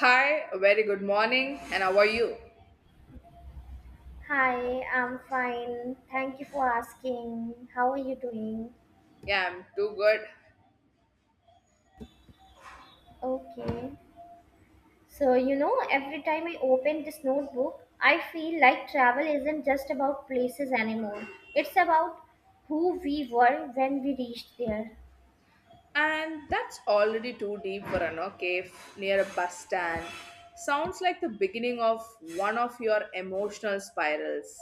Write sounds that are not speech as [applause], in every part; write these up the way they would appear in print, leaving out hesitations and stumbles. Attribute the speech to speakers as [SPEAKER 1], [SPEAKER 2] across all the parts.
[SPEAKER 1] Hi, a very good morning, and how are you?
[SPEAKER 2] Hi, I'm fine. Thank you for asking. How are you doing?
[SPEAKER 1] Yeah, I'm too good.
[SPEAKER 2] Okay. So, you know, every time I open this notebook, I feel like travel isn't just about places anymore. It's about who we were when we reached there.
[SPEAKER 1] And that's already too deep for an cave near a bus stand. Sounds like the beginning of one of your emotional spirals.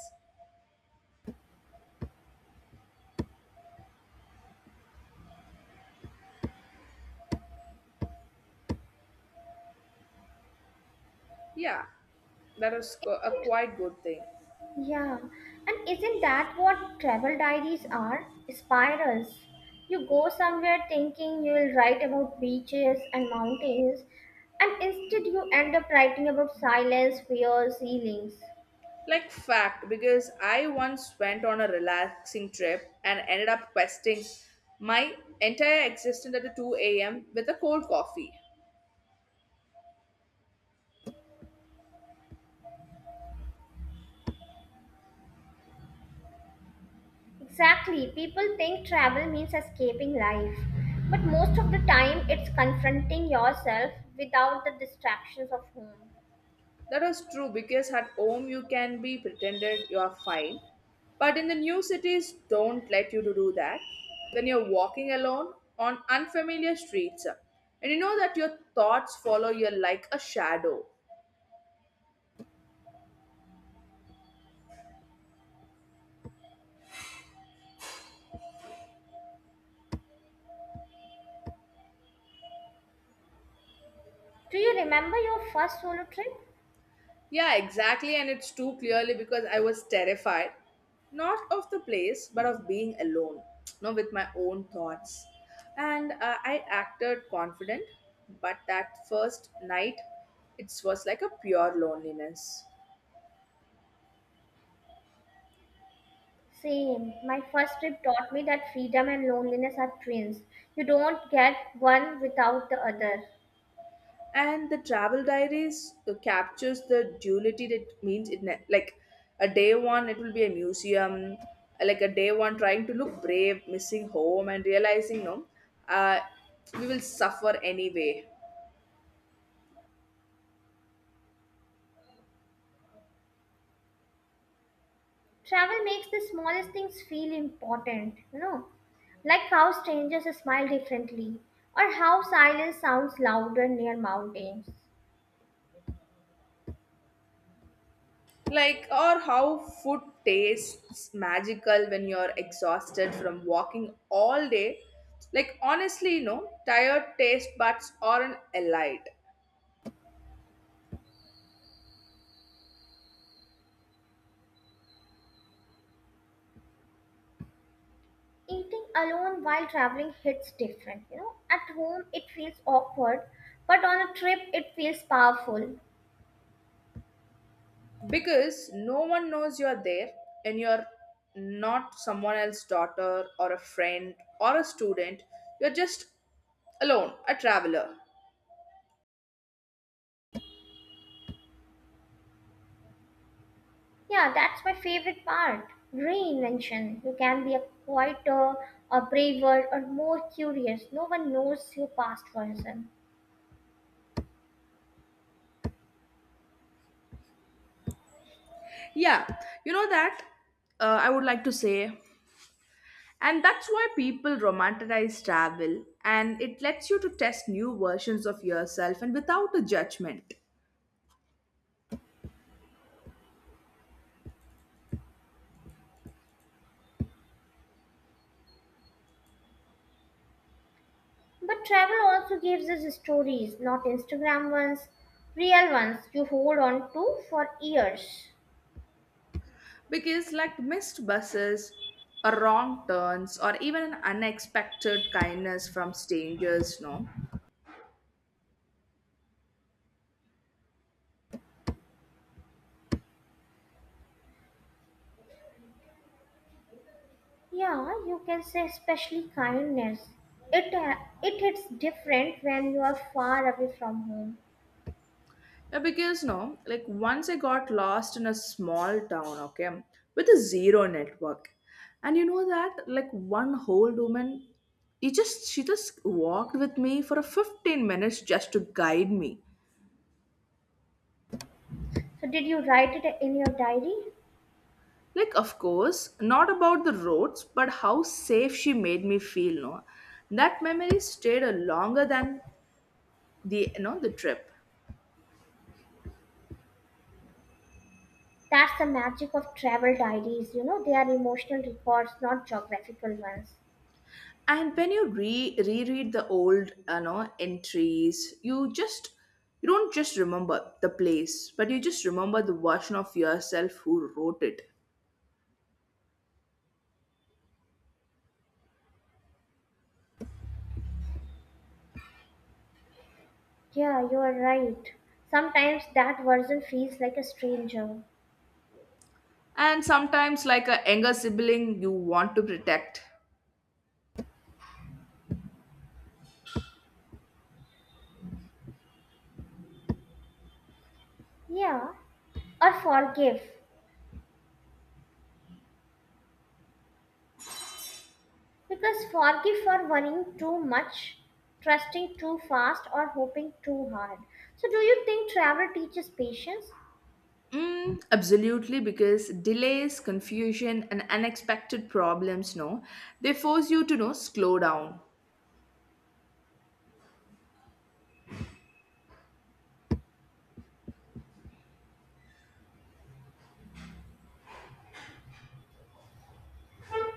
[SPEAKER 1] Yeah, a quite good thing.
[SPEAKER 2] Yeah. And isn't that what travel diaries are? Spirals. You go somewhere thinking you'll write about beaches and mountains, and instead you end up writing about silence, fears, healings.
[SPEAKER 1] Like fact, because I once went on a relaxing trip and ended up questing my entire existence at 2 a.m. with a cold coffee.
[SPEAKER 2] Exactly. People think travel means escaping life, but most of the time it's confronting yourself without the distractions of home.
[SPEAKER 1] That is true because at home you can be pretended you are fine, but in the new cities don't let you to do that. When you're walking alone on unfamiliar streets, and you know that your thoughts follow you like a shadow.
[SPEAKER 2] Do you remember your first solo trip?
[SPEAKER 1] Yeah, exactly, and it's too clearly because I was terrified, not of the place, but of being alone, [tsk] no, with my own thoughts. And I acted confident, but that first night, it was like a pure loneliness.
[SPEAKER 2] Same. My first trip taught me that freedom and loneliness are twins. You don't get one without the other.
[SPEAKER 1] And the travel diaries captures the duality, that means like a day one it will be a museum, like a day one trying to look brave, missing home and realizing no, uh, we will suffer anyway.
[SPEAKER 2] Travel makes the smallest things feel important, you know, like how strangers smile differently or how silence sounds louder near mountains.
[SPEAKER 1] Like, or how food tastes magical when you're exhausted from walking all day. Like honestly, no, tired taste buds aren't allied.
[SPEAKER 2] Eating alone while traveling hits different, you know. At home it feels awkward, but on a trip it feels powerful.
[SPEAKER 1] Because no one knows you're there, and you're not someone else's daughter or a friend or a student, you're just alone, a traveler.
[SPEAKER 2] Yeah, that's my favorite part. Reinvention. You can be a quieter, or braver, or more curious. No one knows your past version.
[SPEAKER 1] Yeah, you know that, I would like to say, and that's why people romanticize travel, and it lets you to test new versions of yourself and without a judgment.
[SPEAKER 2] But travel also gives us stories, not Instagram ones, real ones you hold on to for years.
[SPEAKER 1] Because like missed buses or wrong turns or even an unexpected kindness from strangers, no.
[SPEAKER 2] Yeah, you can say especially kindness. It uh, it hits different when you are far away from home.
[SPEAKER 1] Yeah, because no, like once I got lost in a small town, okay, with a zero network. And you know that, like one whole woman, he just she just walked with me for a 15 minutes just to guide me.
[SPEAKER 2] So did you write it in your diary?
[SPEAKER 1] Like, of course, not about the roads, but how safe she made me feel, no. That memory stayed a longer than the the trip.
[SPEAKER 2] That's the magic of travel diaries. You know, they are emotional records, not geographical ones.
[SPEAKER 1] And when reread the old entries, you just, you don't just remember the place, but you just remember the version of yourself who wrote it.
[SPEAKER 2] Yeah, you are right. Sometimes that version feels like a stranger.
[SPEAKER 1] And sometimes like a younger sibling you want to protect.
[SPEAKER 2] Yeah, or forgive. Because forgive for worrying too much, trusting too fast, or hoping too hard. So, do you think travel teaches patience?
[SPEAKER 1] Mm, absolutely, because delays, confusion, and unexpected problems, no, they force you to know slow down.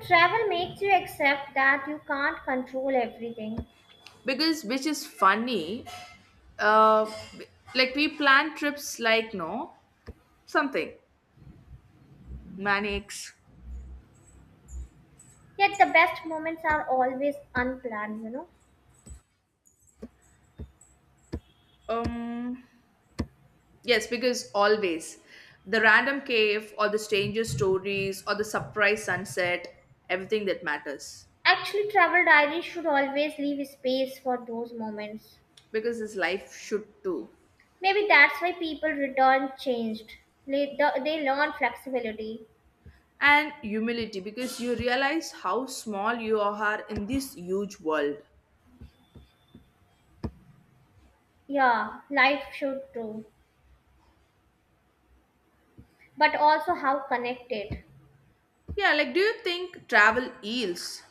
[SPEAKER 2] Travel makes you accept that you can't control everything.
[SPEAKER 1] Because which is funny, uh, like we plan trips like no something manics.
[SPEAKER 2] Yet the best moments are always unplanned, you know.
[SPEAKER 1] Um, yes, because always the random cave or the stranger stories or the surprise sunset, everything that matters.
[SPEAKER 2] Actually, travel diaries should always leave space for those moments.
[SPEAKER 1] Because this life should too.
[SPEAKER 2] Maybe that's why people return changed. They, they learn flexibility.
[SPEAKER 1] And humility, because you realize how small you are in this huge world.
[SPEAKER 2] Yeah, life should too. But also how connected.
[SPEAKER 1] Yeah, like do you think travel heals?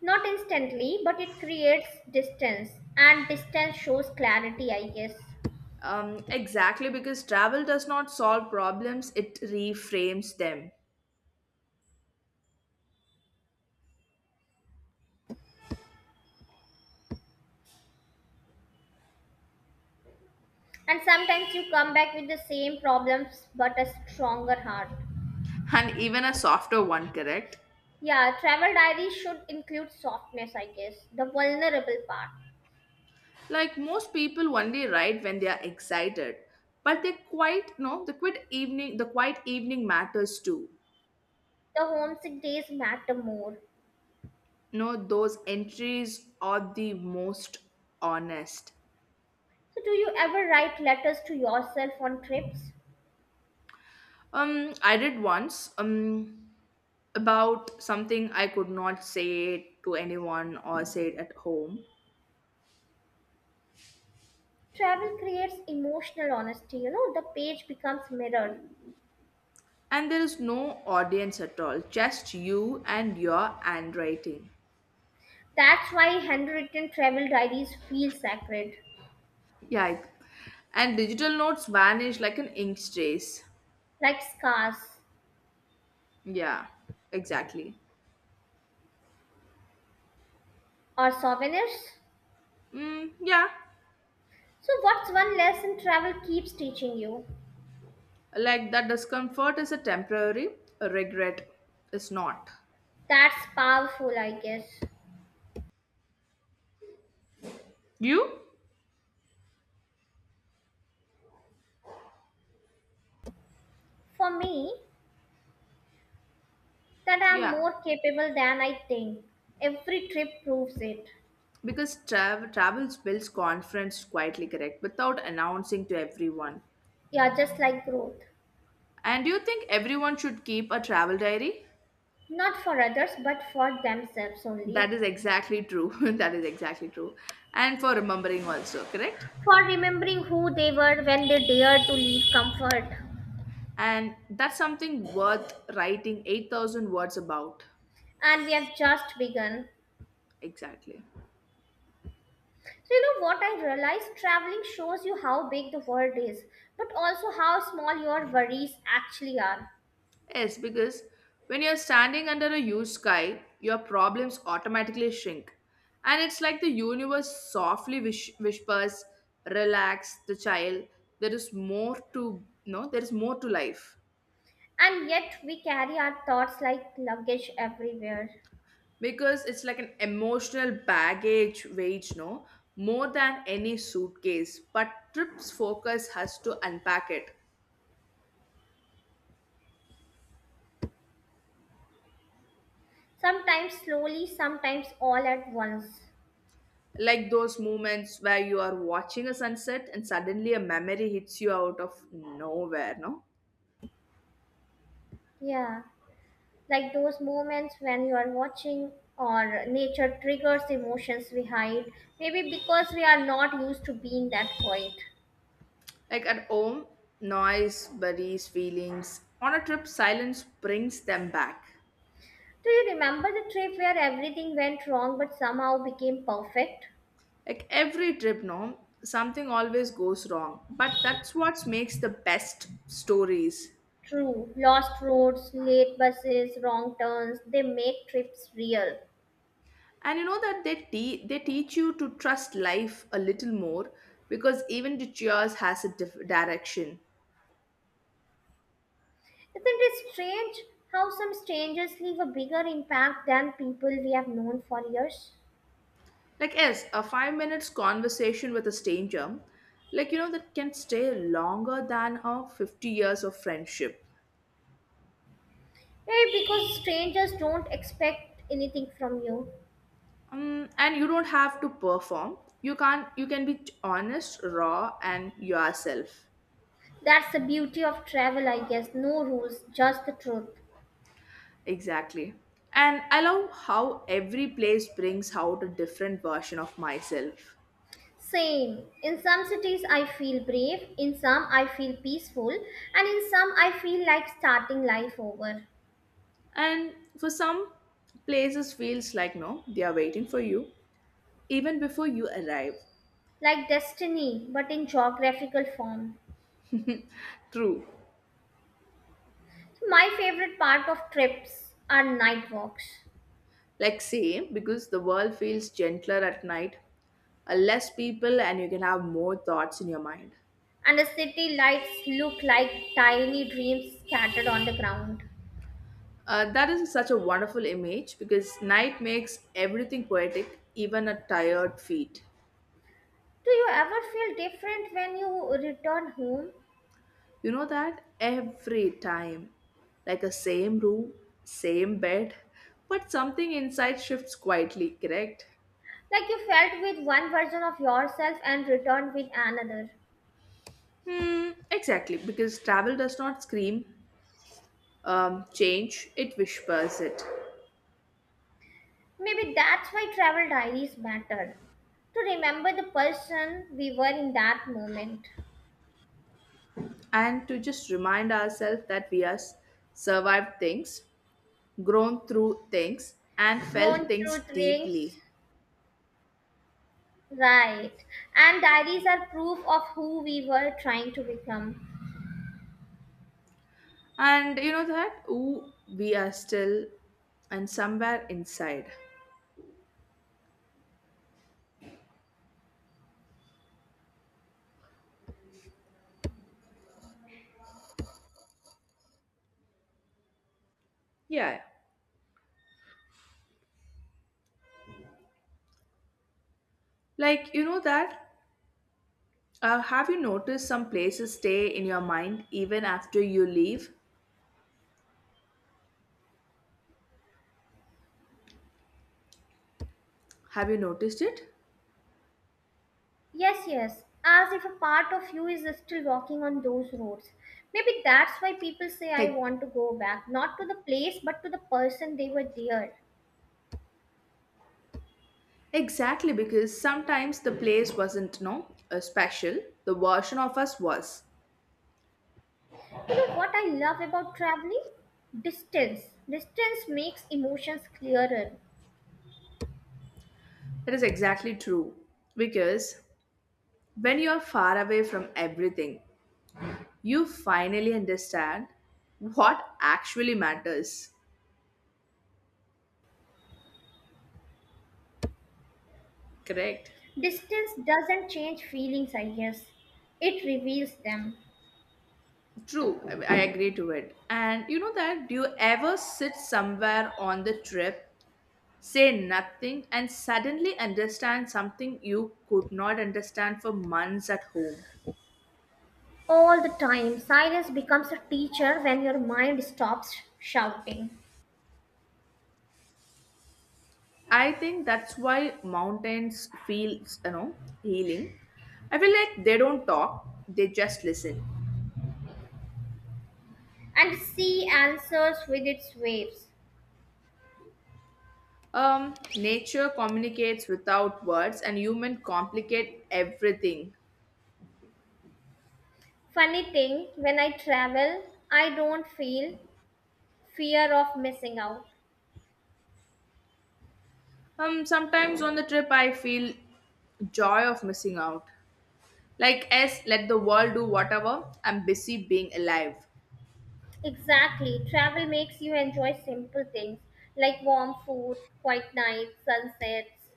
[SPEAKER 2] Not instantly, but it creates distance. And distance shows clarity, I guess.
[SPEAKER 1] Exactly, because travel does not solve problems, it reframes them.
[SPEAKER 2] And sometimes you come back with the same problems but a stronger heart.
[SPEAKER 1] And even a softer one, correct?
[SPEAKER 2] Yeah, travel diaries should include softness, I guess, the vulnerable part.
[SPEAKER 1] Like most people only write when they are excited, but they quite no the quiet evening matters too.
[SPEAKER 2] The homesick days matter more.
[SPEAKER 1] No, those entries are the most honest.
[SPEAKER 2] So, do you ever write letters to yourself on trips?
[SPEAKER 1] I did once, about something I could not say it to anyone or say it at home,
[SPEAKER 2] Travel creates emotional honesty, you know, the page becomes mirror.
[SPEAKER 1] and there is no audience at all, just you and your handwriting.
[SPEAKER 2] That's why handwritten travel diaries feel sacred,
[SPEAKER 1] Yeah, I- and digital notes vanish like an ink trace.
[SPEAKER 2] like scars
[SPEAKER 1] Yeah, exactly.
[SPEAKER 2] or souvenirs.
[SPEAKER 1] Mm, yeah,
[SPEAKER 2] So, what's one lesson travel keeps teaching you?
[SPEAKER 1] like that discomfort is a temporary, a regret is not.
[SPEAKER 2] That's powerful, I guess.
[SPEAKER 1] You?
[SPEAKER 2] For me, that I'm
[SPEAKER 1] Yeah,
[SPEAKER 2] more capable than I think. Every trip proves it.
[SPEAKER 1] because travels builds confidence quietly, correct, without announcing to everyone.
[SPEAKER 2] Yeah, just like growth.
[SPEAKER 1] And do you think everyone should keep a travel diary?
[SPEAKER 2] Not for others, but for themselves only.
[SPEAKER 1] That is exactly true. [laughs] That is exactly true. And for remembering also, correct?
[SPEAKER 2] For remembering who they were when they dared to leave comfort.
[SPEAKER 1] And that's something worth writing 8,000 words about.
[SPEAKER 2] And we have just begun.
[SPEAKER 1] Exactly.
[SPEAKER 2] So, you know what I realized? Traveling shows you how big the world is, but also how small your worries actually are.
[SPEAKER 1] Yes, because when you're standing under a huge sky, your problems automatically shrink. And it's like the universe softly whispers, relax the child, there is more to no, there is more to life.
[SPEAKER 2] And yet, we carry our thoughts like luggage everywhere.
[SPEAKER 1] Because it's like an emotional baggage wage, no, more than any suitcase. But trip's focus has to unpack it.
[SPEAKER 2] Sometimes slowly, sometimes all at once.
[SPEAKER 1] Like those moments where you are watching a sunset and suddenly a memory hits you out of nowhere, no?
[SPEAKER 2] Yeah, like those moments when you are watching or nature triggers emotions we hide, maybe because we are not used to being that quiet.
[SPEAKER 1] Like at home, noise buries feelings. On a trip, silence brings them back.
[SPEAKER 2] Do you remember the trip where everything went wrong but somehow became perfect?
[SPEAKER 1] Like every trip, no, something always goes wrong. But that's what makes the best stories.
[SPEAKER 2] True, lost roads, late buses, wrong turns, they make trips real.
[SPEAKER 1] And you know that they teach you to trust life a little more because even the cheers has a direction.
[SPEAKER 2] Isn't it strange how some strangers leave a bigger impact than people we have known for years?
[SPEAKER 1] Like yes, a 5 minutes conversation with a stranger, like you know that can stay longer than a 50 years of friendship.
[SPEAKER 2] Maybe because strangers don't expect anything from you.
[SPEAKER 1] And you don't have to perform, you can't, you can be honest, raw, and yourself.
[SPEAKER 2] That's the beauty of travel, I guess. No rules, just the truth.
[SPEAKER 1] Exactly, and I love how every place brings out a different version of myself.
[SPEAKER 2] Same. In some cities, I feel brave, in some, I feel peaceful, and in some, I feel like starting life over.
[SPEAKER 1] And for some places feels like no they are waiting for you even before you arrive.
[SPEAKER 2] Like destiny, but in geographical form.
[SPEAKER 1] True.
[SPEAKER 2] My favorite part of trips are night walks,
[SPEAKER 1] Like say, because the world feels gentler at night, less people and you can have more thoughts in your mind.
[SPEAKER 2] and the city lights look like tiny dreams scattered on the ground.
[SPEAKER 1] That is such a wonderful image because night makes everything poetic, even a tired feet.
[SPEAKER 2] Do you ever feel different when you return home?
[SPEAKER 1] You know that every time. Like a same room, same bed, but something inside shifts quietly, correct?
[SPEAKER 2] Like you felt with one version of yourself and returned with another.
[SPEAKER 1] Hmm, exactly, because travel does not scream, change, it whispers it.
[SPEAKER 2] Maybe that's why travel diaries matter. To remember the person we were in that moment.
[SPEAKER 1] And to just remind ourselves that we have survived things, grown through things, and
[SPEAKER 2] Grown
[SPEAKER 1] felt things
[SPEAKER 2] truth rings.
[SPEAKER 1] deeply.
[SPEAKER 2] Right. And diaries are proof of who we were trying to become.
[SPEAKER 1] And you know that? Ooh, we are still and somewhere inside. Yeah. Like, you know that? Have you noticed some places stay in your mind even after you leave? Have you noticed it?
[SPEAKER 2] Yes, yes. As if a part of you is still walking on those roads. Maybe that's why people say I
[SPEAKER 1] Like,
[SPEAKER 2] want to go back, not to the place, but to the person they were there.
[SPEAKER 1] exactly, because sometimes the place wasn't, no, special. The version of us was.
[SPEAKER 2] You know what I love about traveling? Distance. Distance makes emotions clearer.
[SPEAKER 1] That is exactly true. Because when you are far away from everything, you finally understand what actually matters. Correct.
[SPEAKER 2] Distance doesn't change feelings, I guess. It reveals them.
[SPEAKER 1] True, I agree to it. And you know that? Do you ever sit somewhere on the trip, say nothing, and suddenly understand something you could not understand for months at home?
[SPEAKER 2] All the time, silence becomes a teacher when your mind stops shouting.
[SPEAKER 1] I think that's why mountains feel, you know, healing. I feel like they don't talk, they just listen.
[SPEAKER 2] And sea answers with its waves.
[SPEAKER 1] Nature communicates without words, and human complicate everything.
[SPEAKER 2] Funny thing, when I travel, I don't feel fear of missing out.
[SPEAKER 1] Sometimes on the trip, I feel joy of missing out. Like S, let the world do whatever, I'm busy being alive.
[SPEAKER 2] Exactly. Travel makes you enjoy simple things like warm food, quiet nights, sunsets.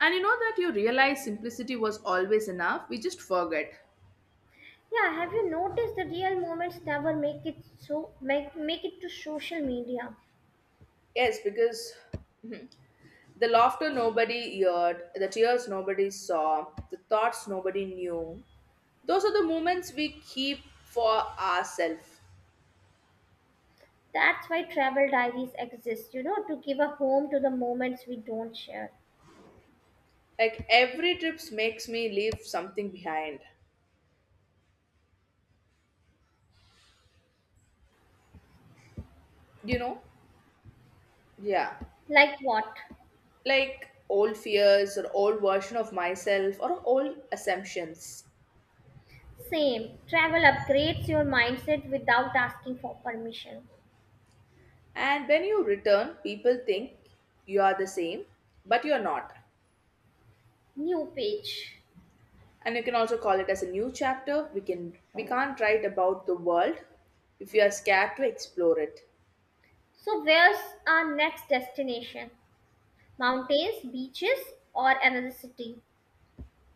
[SPEAKER 1] And you know that you realize simplicity was always enough, we just forget.
[SPEAKER 2] Yeah, have you noticed the real moments never make it to social media?
[SPEAKER 1] Yes, because the laughter nobody heard, the tears nobody saw, the thoughts nobody knew, those are the moments we keep for ourselves.
[SPEAKER 2] That's why travel diaries exist, you know, to give a home to the moments we don't share.
[SPEAKER 1] Like every trip makes me leave something behind. You know? Yeah.
[SPEAKER 2] Like what?
[SPEAKER 1] Like old fears or old version of myself or old assumptions.
[SPEAKER 2] Same. Travel upgrades your mindset without asking for permission.
[SPEAKER 1] And when you return, people think you are the same, but you're not.
[SPEAKER 2] New page.
[SPEAKER 1] And you can also call it as a new chapter. We can't write about the world if you are scared to explore it.
[SPEAKER 2] So, where's our next destination? Mountains, beaches, or another city?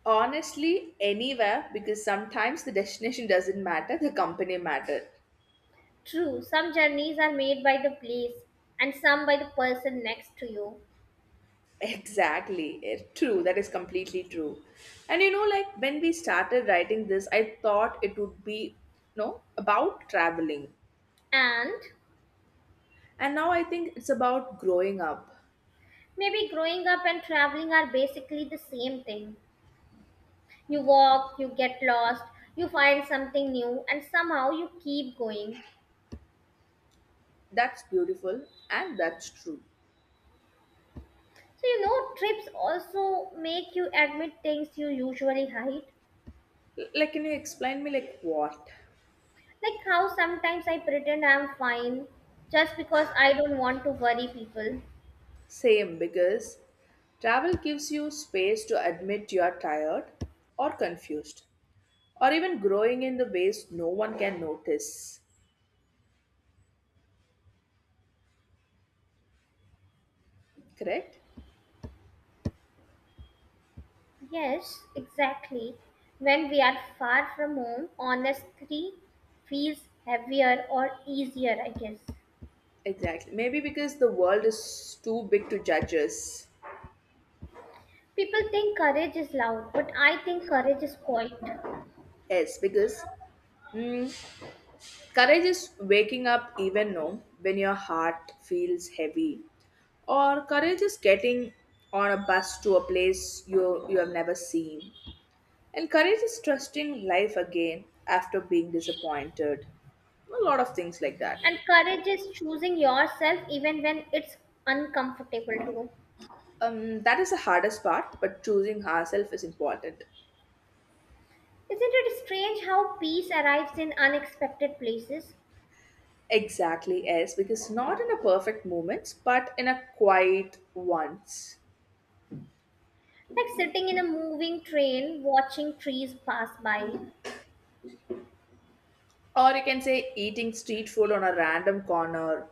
[SPEAKER 1] Honestly, anywhere because sometimes the destination doesn't matter, the company matter.
[SPEAKER 2] True, some journeys are made by the place and some by the person next to you.
[SPEAKER 1] Exactly. Eh, true. That is completely true. And you know, like when we started writing this, I thought it would be, you know, about traveling.
[SPEAKER 2] And
[SPEAKER 1] And now I think it's about growing up.
[SPEAKER 2] maybe growing up and traveling are basically the same thing. You walk, you get lost, you find something new, and somehow you keep going.
[SPEAKER 1] That's beautiful and that's true.
[SPEAKER 2] So, you know, trips also make you admit things you usually hide.
[SPEAKER 1] Like, can you explain me, like, what?
[SPEAKER 2] Like how sometimes I pretend I'm fine just because I don't want to worry people.
[SPEAKER 1] Same, because travel gives you space to admit you are tired or confused or even growing in the ways no one can notice. Correct?
[SPEAKER 2] Yes, exactly. When we are far from home, honesty feels heavier or easier, I guess.
[SPEAKER 1] Exactly. Maybe because the world is too big to judge us.
[SPEAKER 2] People think courage is loud, but I think courage is quiet.
[SPEAKER 1] Yes, because mm, courage is waking up even now when your heart feels heavy. Or courage is getting on a bus to a place you have never seen. And courage is trusting life again after being disappointed. A lot of things like that.
[SPEAKER 2] And courage is choosing yourself even when it's uncomfortable too.
[SPEAKER 1] That is the hardest part, but choosing ourselves is important.
[SPEAKER 2] Isn't it strange how peace arrives in unexpected places?
[SPEAKER 1] Exactly, yes, because not in a perfect moments, but in a quiet ones.
[SPEAKER 2] Like sitting in a moving train, watching trees pass by.
[SPEAKER 1] Or you can say eating street food on a random corner,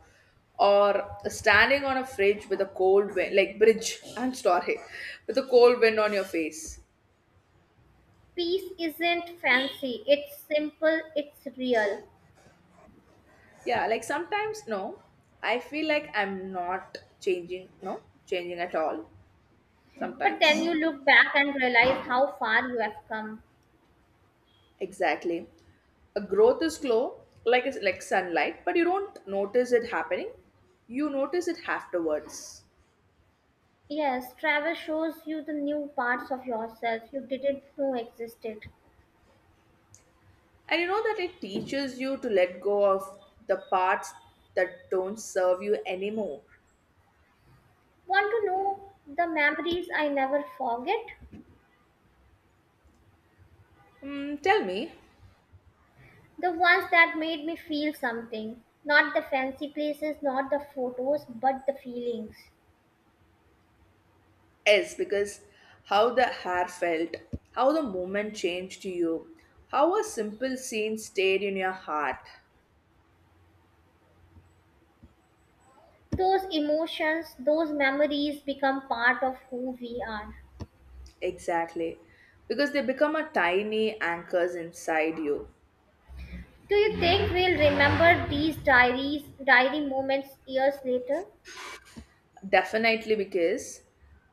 [SPEAKER 1] or standing on a fridge with a cold wind, like bridge, I'm sorry, with a cold wind on your face.
[SPEAKER 2] Peace isn't fancy, it's simple, it's real.
[SPEAKER 1] Yeah, like sometimes no, I feel like I'm not changing, no, changing at all,
[SPEAKER 2] But then
[SPEAKER 1] sometimes.
[SPEAKER 2] you look back and realize how far you have come.
[SPEAKER 1] Exactly. A growth is slow, like sunlight, but you don't notice it happening, you notice it afterwards.
[SPEAKER 2] Yes, travel shows you the new parts of yourself you didn't know existed.
[SPEAKER 1] And you know that it teaches you to let go of the parts that don't serve you anymore.
[SPEAKER 2] Want to know the memories I never forget?
[SPEAKER 1] Mm, tell me,
[SPEAKER 2] The ones that made me feel something. Not the fancy places, not the photos, but the feelings.
[SPEAKER 1] yes, because how the hair felt, how the moment changed to you, how a simple scene stayed in your heart.
[SPEAKER 2] Those emotions, those memories become part of who we are.
[SPEAKER 1] Exactly. Because they become a tiny anchors inside you.
[SPEAKER 2] Do you think we'll remember these diary moments years later?
[SPEAKER 1] Definitely because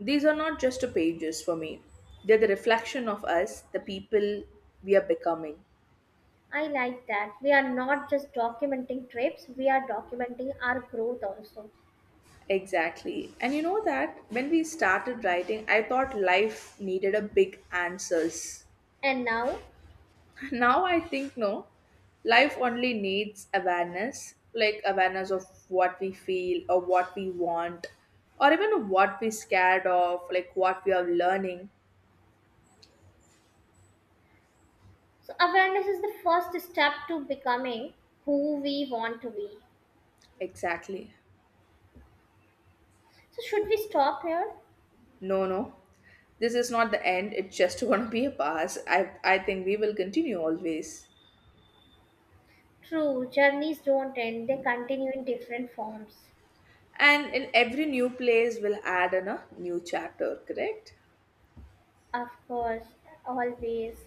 [SPEAKER 1] these are not just pages for me. They're the reflection of us, the people we are becoming.
[SPEAKER 2] I like that. We are not just documenting trips, we are documenting our growth also.
[SPEAKER 1] Exactly. And you know that when we started writing, I thought life needed a big answers.
[SPEAKER 2] And now,
[SPEAKER 1] [laughs] Now I think no. Life only needs awareness, like awareness of what we feel or what we want or even what we're scared of, like what we are learning.
[SPEAKER 2] so awareness is the first step to becoming who we want to be.
[SPEAKER 1] Exactly.
[SPEAKER 2] So, should we stop here?
[SPEAKER 1] No, no. This is not the end. It's just [laughs] going to be a pass. I think we will continue always.
[SPEAKER 2] True, journeys don't end, they continue in different forms.
[SPEAKER 1] And in every new place, we'll add in a new chapter, correct?
[SPEAKER 2] Of course, always.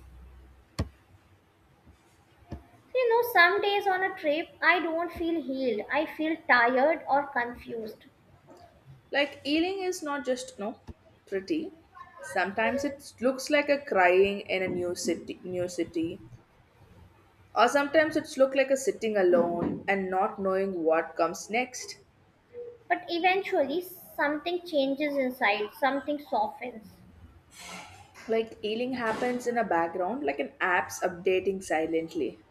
[SPEAKER 2] You know, some days on a trip, I don't feel healed, I feel tired or confused.
[SPEAKER 1] Like Ealing is not just no pretty. Sometimes it looks like a crying in a new city, or sometimes it's look like a sitting alone and not knowing what comes next.
[SPEAKER 2] But eventually, something changes inside, something softens.
[SPEAKER 1] Like Ealing happens in a background, like an app's updating silently.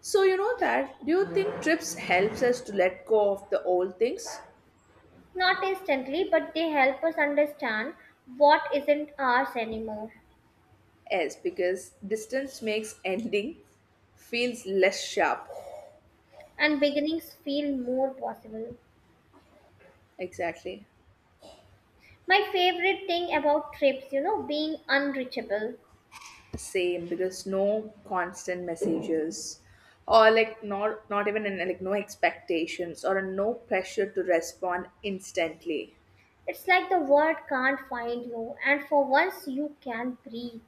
[SPEAKER 1] So you know that. Do you think trips helps us to let go of the old things?
[SPEAKER 2] Not instantly, but they help us understand what isn't ours anymore
[SPEAKER 1] Yes, because distance makes ending feels less sharp.
[SPEAKER 2] and beginnings feel more possible.
[SPEAKER 1] Exactly.
[SPEAKER 2] My favorite thing about trips, you know, being unreachable.
[SPEAKER 1] Same because no constant messages, or like not even an, like no expectations or no pressure to respond instantly.
[SPEAKER 2] It's like the world can't find you, and for once you can breathe.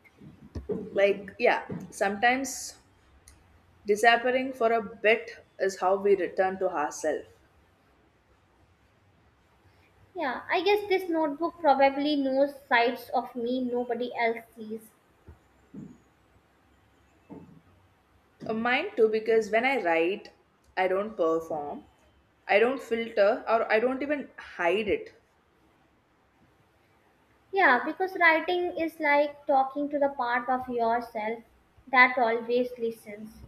[SPEAKER 1] Like yeah, sometimes disappearing for a bit is how we return to ourselves.
[SPEAKER 2] Yeah, I guess this notebook probably knows sides of me nobody else sees.
[SPEAKER 1] Mine too, because when I write, I don't perform. I don't filter, or I don't even hide it.
[SPEAKER 2] Yeah, because writing is like talking to the part of yourself that always listens.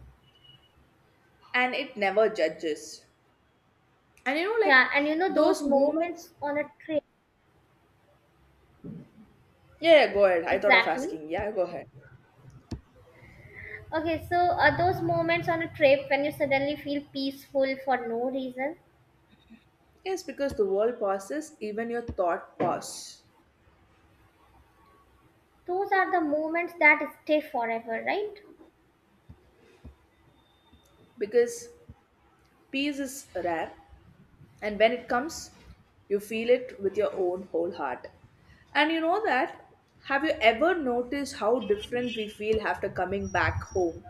[SPEAKER 1] And it never judges. And you know, like
[SPEAKER 2] Yeah, and you know those
[SPEAKER 1] those moments.
[SPEAKER 2] moments on a trip.
[SPEAKER 1] Yeah, yeah, go ahead. I thought of
[SPEAKER 2] Exactly.
[SPEAKER 1] asking. Yeah, go ahead.
[SPEAKER 2] Okay, so those moments on a trip when you suddenly feel peaceful for no reason,
[SPEAKER 1] Yes, because the world passes, even your thought pass.
[SPEAKER 2] those are the moments that stay forever, right?
[SPEAKER 1] Because peace is rare, and when it comes, you feel it with your own whole heart. And you know that? Have you ever noticed how different we feel after coming back home?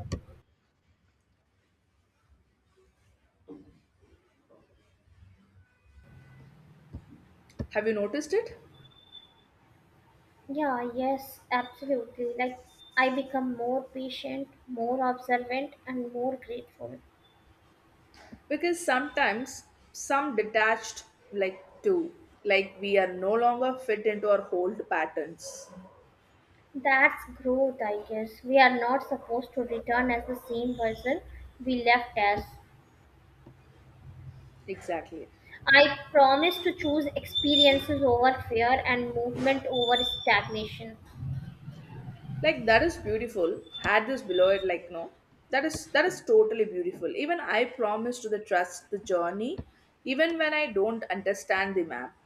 [SPEAKER 1] Have you noticed it?
[SPEAKER 2] Yeah, yes, absolutely. Like, I become more patient, more observant, and more grateful.
[SPEAKER 1] Because sometimes some detached, like too, like we are no longer fit into our old patterns.
[SPEAKER 2] That's growth, I guess. We are not supposed to return as the same person we left as.
[SPEAKER 1] Exactly.
[SPEAKER 2] I promise to choose experiences over fear and movement over stagnation.
[SPEAKER 1] Like that is beautiful had this below it like no, that is totally beautiful. Even I promise to the trust the journey, even when I don't understand the map.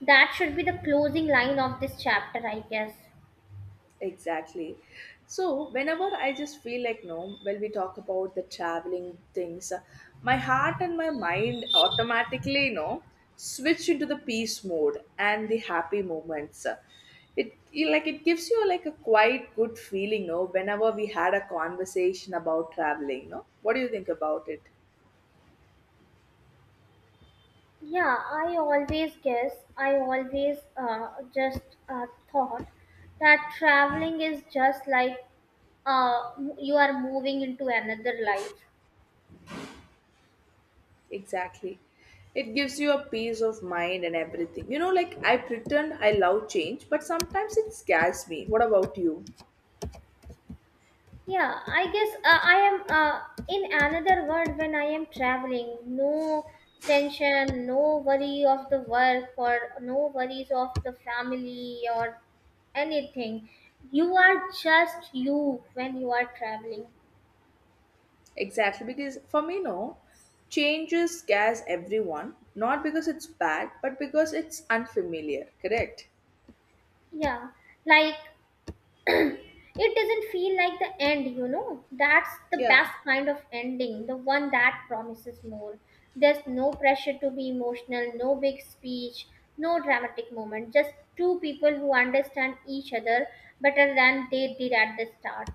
[SPEAKER 2] That should be the closing line of this chapter, I guess.
[SPEAKER 1] Exactly. So whenever I just feel like no, when we talk about the traveling things, my heart and my mind automatically, you know, switch into the peace mode and the happy moments. It you- like it gives you like a quite good feeling, no, whenever we had a conversation about traveling, no? What do you think about it?
[SPEAKER 2] Yeah, I always guess, I always just uh, thought that traveling is just like uh, you are moving into another life.
[SPEAKER 1] Exactly. It gives you a peace of mind and everything. You know, like I pretend I love change, but sometimes it scares me. What about you?
[SPEAKER 2] Yeah, I guess I am in another world when I am traveling. No tension, no worry of the work, or no worries of the family, or anything. You are just you when you are traveling.
[SPEAKER 1] Exactly, because for me, no, changes scares everyone, not because it's bad, but because it's unfamiliar, correct?
[SPEAKER 2] Yeah, like [clears throat] it doesn't feel like the end, you know. That's the
[SPEAKER 1] Yeah,
[SPEAKER 2] best kind of ending, the one that promises more. There's no pressure to be emotional, no big speech, no dramatic moment, just two people who understand each other better than they did at the start.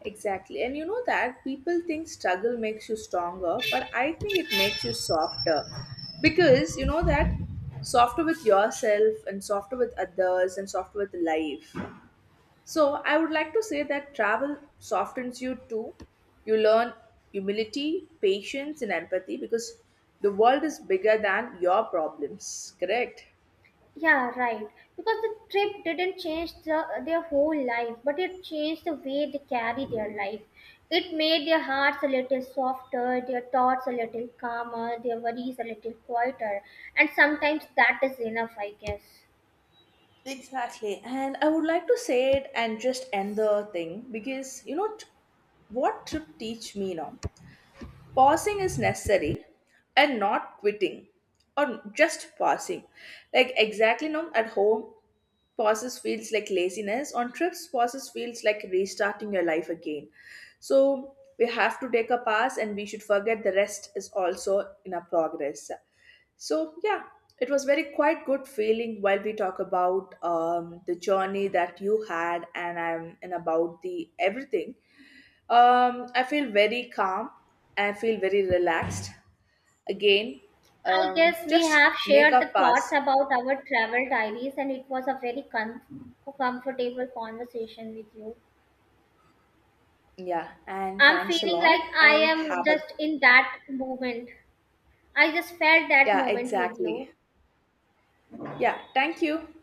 [SPEAKER 1] exactly. And you know that people think struggle makes you stronger, but I think it makes you softer, because you know that softer with yourself, and softer with others, and softer with life. So I would like to say that travel softens you too. You learn humility, patience, and empathy, because the world is bigger than your problems, correct?
[SPEAKER 2] Yeah, right. Because the trip didn't change the, their whole life, but it changed the way they carry their life. It made their hearts a little softer, their thoughts a little calmer, their worries a little quieter. And sometimes that is enough, I guess.
[SPEAKER 1] Exactly. And I would like to say it and just end the thing because you know t- what trip teach me now? Pausing is necessary, and not quitting, or just pausing. Like exactly, now at home pauses feels like laziness, on trips pauses feels like restarting your life again. So we have to take a pass, and we should forget the rest is also in a progress. So yeah, it was very quite good feeling while we talk about the journey that you had, and I'm and about the everything. I feel very calm, I feel very relaxed again.
[SPEAKER 2] I guess we
[SPEAKER 1] Just
[SPEAKER 2] have
[SPEAKER 1] make
[SPEAKER 2] shared
[SPEAKER 1] a
[SPEAKER 2] the thoughts
[SPEAKER 1] pass.
[SPEAKER 2] about our travel diaries, and it was a very comfortable conversation with you.
[SPEAKER 1] Yeah, and
[SPEAKER 2] I'm
[SPEAKER 1] thanks a
[SPEAKER 2] feeling
[SPEAKER 1] lot,
[SPEAKER 2] like I
[SPEAKER 1] and
[SPEAKER 2] am
[SPEAKER 1] have a
[SPEAKER 2] just in that moment. I just felt that
[SPEAKER 1] Yeah,
[SPEAKER 2] moment with
[SPEAKER 1] exactly.
[SPEAKER 2] you.
[SPEAKER 1] Yeah, thank you.